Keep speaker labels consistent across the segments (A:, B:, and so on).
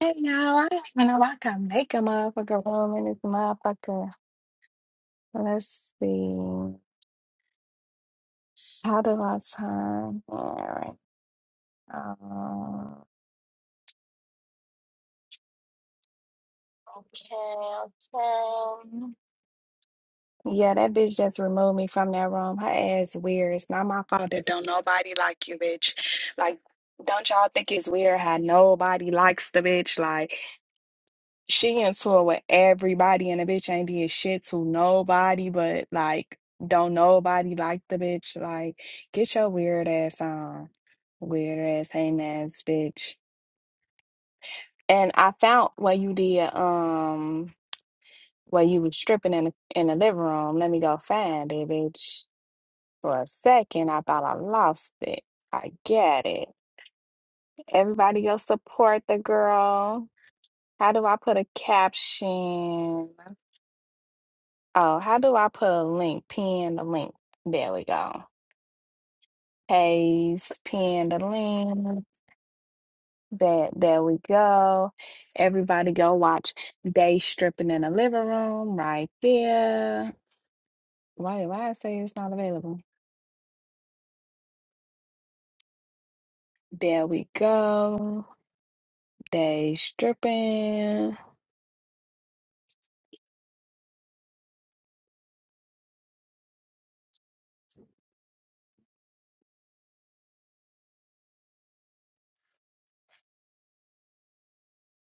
A: Hey y'all, I don't even know I can make a motherfucker room in this motherfucker. Let's see. How do I time? Alright. Um, okay, okay. Yeah, that bitch just removed me from that room. Her ass weird. It's not my fault that don't nobody like you, bitch. Like, don't y'all think it's weird how nobody likes the bitch? Like, she in tour with everybody and the bitch ain't did shit to nobody but like don't nobody like the bitch like get your weird ass on weird ass hang ass bitch and i found where you did um where you was stripping in the, in the living room let me go find it bitch for a second i thought i lost it i get it everybody go support the girl how do i put a caption Oh, how do I put a link? Pin the link. There we go. Paste, pin the link. That there we go. Everybody go watch Day Stripping in the Living Room right there. Why why I say it's not available? There we go. Day stripping.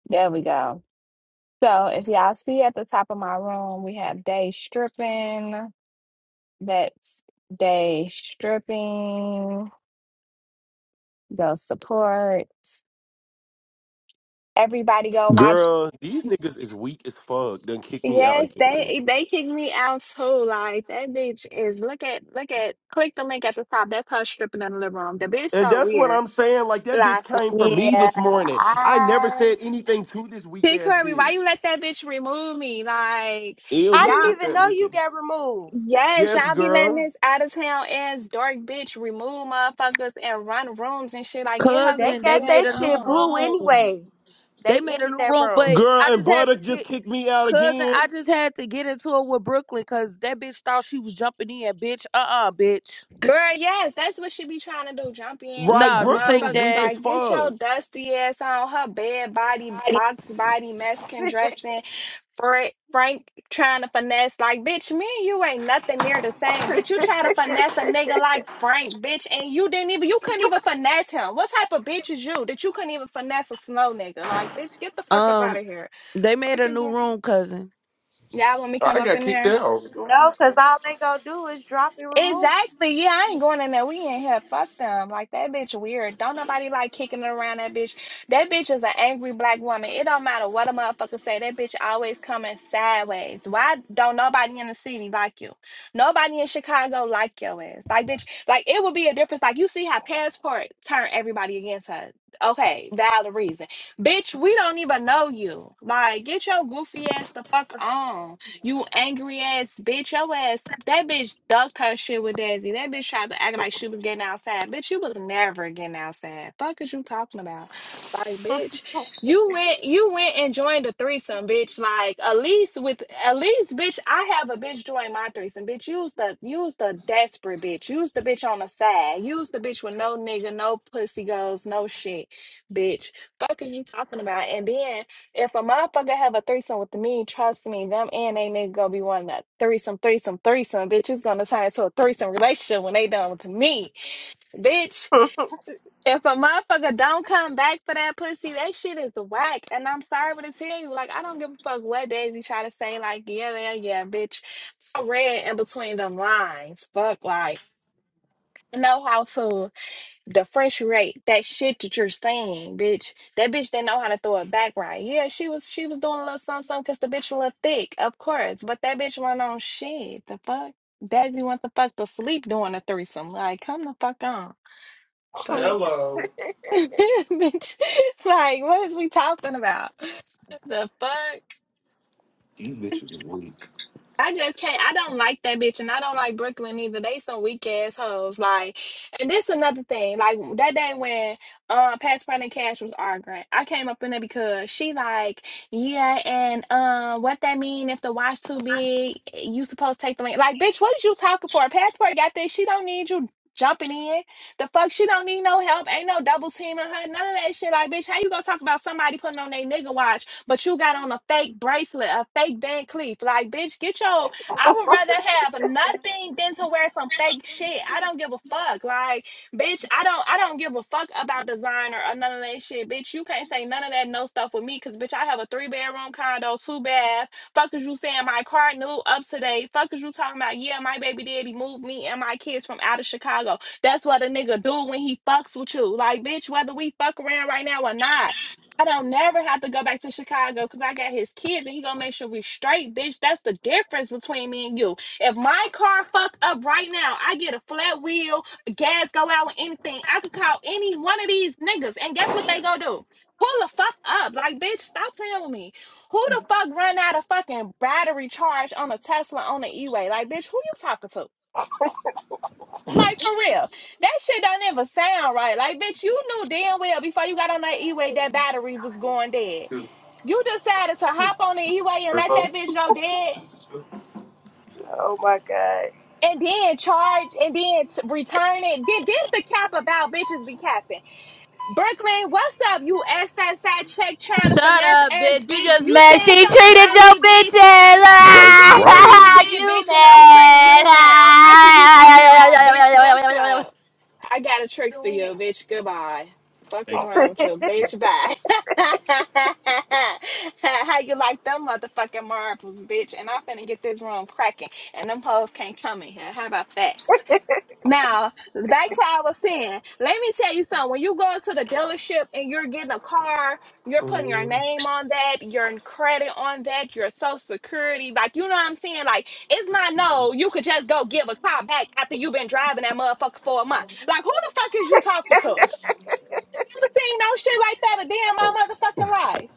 A: There we go. So if y'all see at the top of my room, we have day stripping. That's day stripping go support. Everybody go watch.
B: Girl, these niggas is weak as fuck. Done kick me out
A: Yes,
B: again.
A: they they kicked me out too. Like that bitch is look at look at click the link at the top. That's her stripping in the living room. The bitch
B: And
A: so
B: that's what
A: weird.
B: I'm saying. Like that bitch
A: Like
B: came for me
C: Yeah,
B: this morning. I never
C: I
B: said anything to this weak
A: T
B: ass
A: Curry, why
B: bitch.
A: you let that bitch remove me? Like
B: Ew,
C: I
B: look
C: didn't
A: y'all,
B: at
C: even
B: that
C: know you
B: weekend.
C: got removed.
A: yes,
B: Yes,
A: y'all be letting
B: girl.
A: this out of town ass dark bitch remove motherfuckers and run rooms and shit. Like get her
C: They
D: cousin they
A: goofy
C: got
D: made
C: that
A: ass
D: a new
C: shit
A: on.
C: blue
D: room
C: anyway.
D: they
C: They
D: made a
C: ended
D: new
C: that
D: room
C: room.
D: but
B: Girl
D: i
B: and
D: just had
B: Butter
D: to
B: just
D: get
B: kicked me out
D: cousin i
B: again.
D: just had to get into it with brooklyn because that bitch thought she was jumping in bitch uh-uh bitch
A: Girl, yes, that's what she be trying to do. Jump in
B: Right,
D: no
A: when
D: this
B: Brooklyn
D: ain't
B: is
A: motherfuckers
B: weak
D: that
B: as
A: like get your
B: fuck.
A: dusty ass on her bed body, box body, Mexican dressing. Frank, Frank trying to finesse like bitch. Me and you ain't nothing near the same, bitch. You try to finesse a nigga like Frank, bitch, and you didn't even you couldn't even finesse him. What type of bitch is you that you couldn't even finesse a slow nigga? Like bitch, get the fuck up out
D: um
A: of here.
D: they made
A: Fuck
D: a
A: is
D: new
A: wrong?
D: room cousin
A: Y'all want me
B: I
A: come up
B: got
A: in
B: kicked
A: there?
B: out.
C: no, cause all they gonna do is drop and remove.
A: Exactly. Yeah, I ain't going in there. We in here. Fuck them. Like that bitch weird. Don't nobody like kicking it around that bitch. That bitch is an angry black woman. It don't matter what a motherfucker say. That bitch always coming sideways. Why don't nobody in the city like you? Nobody in Chicago like your ass. Like bitch, like it would be a difference. Like you see how passport turn everybody against her. Okay, valid reason. Bitch, we don't even know you. Like, get your goofy ass the fuck on. You angry ass bitch, your ass. That bitch ducked her shit with Dazzy. That bitch tried to act like she was getting outside. Bitch, you was never getting outside. Fuck is you talking about? Like, bitch, you went you went and joined a threesome, bitch. Like, at least with at least, bitch, I have a bitch join my threesome. Bitch, use the use the desperate bitch. Use the bitch on the side. Use the bitch with no nigga, no pussy goes, no shit, bitch. Fuck are you talking about? And then if a motherfucker have a threesome with me, trust me, them and they nigga gonna be wanting that threesome, threesome, threesome. Bitch, it's gonna turn into a threesome relationship when they done with me. Bitch, if a motherfucker don't come back for that pussy, that shit is whack. And I'm sorry to tell you, like, I don't give a fuck what Daisy try to say, like, yeah, yeah, yeah, bitch. I read in between them lines. Fuck, like, I know how to the fresh rate, that shit that you're saying, bitch. That bitch didn't know how to throw it back right. Yeah, she was she was doing a little something, something because the bitch a little thick, of course. But that bitch went on shit. The fuck? Daddy went the fuck to sleep doing a threesome. Like, come the fuck on. Fuck.
B: Hello.
A: bitch. Like, what is we talking about? The fuck?
B: These bitches is weak.
A: I just can't. I don't like that bitch, and I don't like Brooklyn either. They some weak ass hoes. Like, and this another thing. Like that day when um Past Brand and Cash was arguing, I came up in there because she like, yeah, and um, what that mean if the watch too big, you supposed to take the link. Like, bitch, what is you talking for? Passport got this. She don't need you jumping in. The fuck, she don't need no help. Ain't no double teaming her. None of that shit. Like, bitch, how you gonna talk about somebody putting on their nigga watch? but you got on a fake bracelet, a fake Van Cleef. Like, bitch, get your. I would rather have nothing than to wear some fake shit. I don't give a fuck. Like, bitch, I don't. I don't give a fuck about designer or none of that shit, bitch. You can't say none of that no stuff with me, cause bitch, I have a three bedroom condo, two bath. Fuck is you saying my car new up today? date? Fuck is you talking about? Yeah, my baby daddy moved me and my kids from out of Chicago. That's what a nigga do when he fucks with you. Like, bitch, whether we fuck around right now or not. I don't never have to go back to Chicago because I got his kids and he gonna make sure we straight, bitch. That's the difference between me and you. If my car fuck up right now, I get a flat wheel, gas go out, or anything. I could call any one of these niggas, and guess what they gonna do? Pull the fuck up, like bitch. Stop playing with me. Who the fuck run out of fucking battery charge on a Tesla on the E-way? Like bitch, who you talking to? Like for real, that shit don't even sound right. Like, bitch, you knew damn well before you got on that E-way that battery was going dead. You decided to hop on the E-way and let that bitch go dead,
C: oh my god.
A: and then charge and then t- return it. Then this the cap about bitches be capping. Brooklyn, what's up? You SSI check trying to
E: Shut
A: finesse
E: up,
A: ass
E: bitch. You
A: bitch.
E: just
A: You
E: mad.
A: said
E: She
A: something
E: treated
A: about
E: your
A: me,
E: bitch
A: bitch. I
B: Right,
E: ass.
A: should treat
B: right.
A: shit,
E: you
A: bitch, and I'm treating you now. Fuck is you talking about, bitch? What's
E: mad.
A: up? I got a trick for you, bitch. Goodbye. Fuck is wrong with you, bitch? Bye. How you like them motherfucking marbles, bitch? And I'm finna get this room cracking, and them hoes can't come in here. How about that? Now, back to what I was saying, let me tell you something. When you go into the dealership and you're getting a car, you're putting your name on that, your credit on that, your social security, like you know what I'm saying? Like it's not no, you could just go give a car back after you've been driving that motherfucker for a month. Like who the fuck is you talking to? I never seen no shit like that a day in
B: Oh
A: my
B: shit.
A: motherfucking life.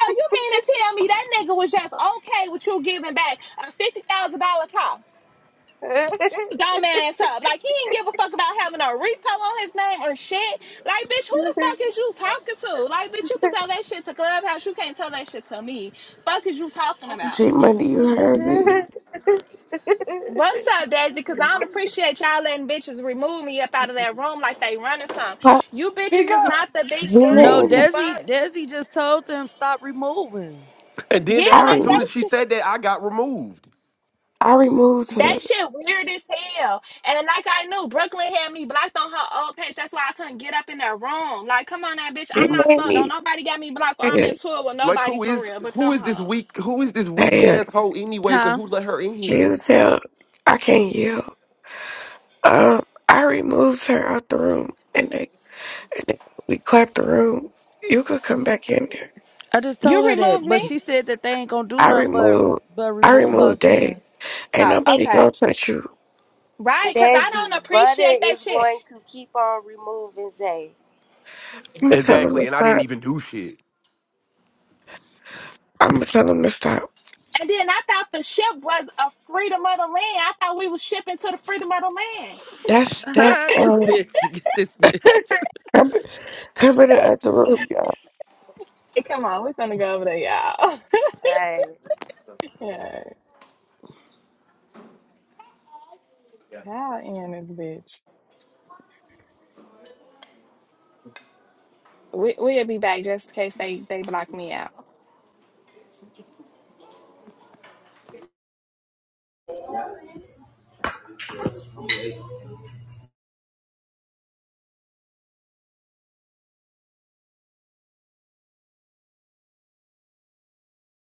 A: So you mean to tell me that nigga was just okay with you giving back a fifty thousand dollar car? Shut your dumb ass up. Like, he didn't give a fuck about having a repo on his name or shit. Like, bitch, who the fuck is you talking to? Like, bitch, you can tell that shit to Clubhouse. You can't tell that shit to me. Fuck is you talking about?
F: G Money, you heard me.
A: What's up, Daisy? Because I don't appreciate y'all letting bitches remove me up out of that room like they running some.
F: Huh?
A: You bitches
G: Speak
A: is
G: up.
A: not the big
F: G
D: no
A: three. The
F: Money,
D: desi
A: fuck?
D: desi just told them stop removing
B: And then
A: Yeah,
B: that
F: I,
B: as
A: like
B: soon
F: rem-
B: as
A: they
B: she said that, I got removed.
F: I removed
A: That
F: her.
A: shit weird as hell. And like I knew, Brooklyn had me blocked on her old page. That's why I couldn't get up in that room. Like, come on, that bitch.
F: It
A: I'm not
F: made
A: slow. Don't
F: me
A: nobody got me blocked. I'm in
F: mad.
A: tour with
B: Like
A: nobody
B: who
A: for
B: is
A: real, but
B: who
A: them
B: is this
A: hoes.
B: weak who is this weak
F: Damn,
B: ass hoe anyways and
D: huh
B: who let her in
F: can you
B: here?
F: tell? I can't yell. Um, I removed her out the room and, they, and they- we clapped the room. You could come back in there.
D: i just
A: You
D: told her that
A: removed
D: but
A: me?
D: she said that they ain't gonna do
F: I
D: nothing but
F: removed,
D: but
F: I
D: remove her
F: removed Dave.
D: again
F: Ain't
A: Oh,
F: nobody gonna
A: okay.
F: touch you.
A: Right, because I don't
C: Desi, Butter
A: appreciate that
C: is
A: shit.
C: going to keep on removing Zay.
F: I'm gonna tell them to
B: Exactly, and I didn't
F: stop.
B: even do shit.
F: I'm gonna tell them to stop.
A: And then I thought the ship was a freedom of the land. I thought we was shipping to the freedom of the land.
F: That's, that's,
D: this
F: um,
D: bitch you get this bitch
F: cover, cover the other room, y'all.
A: Hey, come on, we're gonna go over there, y'all.
C: Right.
A: yeah, how in this bitch? We we'll be back just in case they they block me out.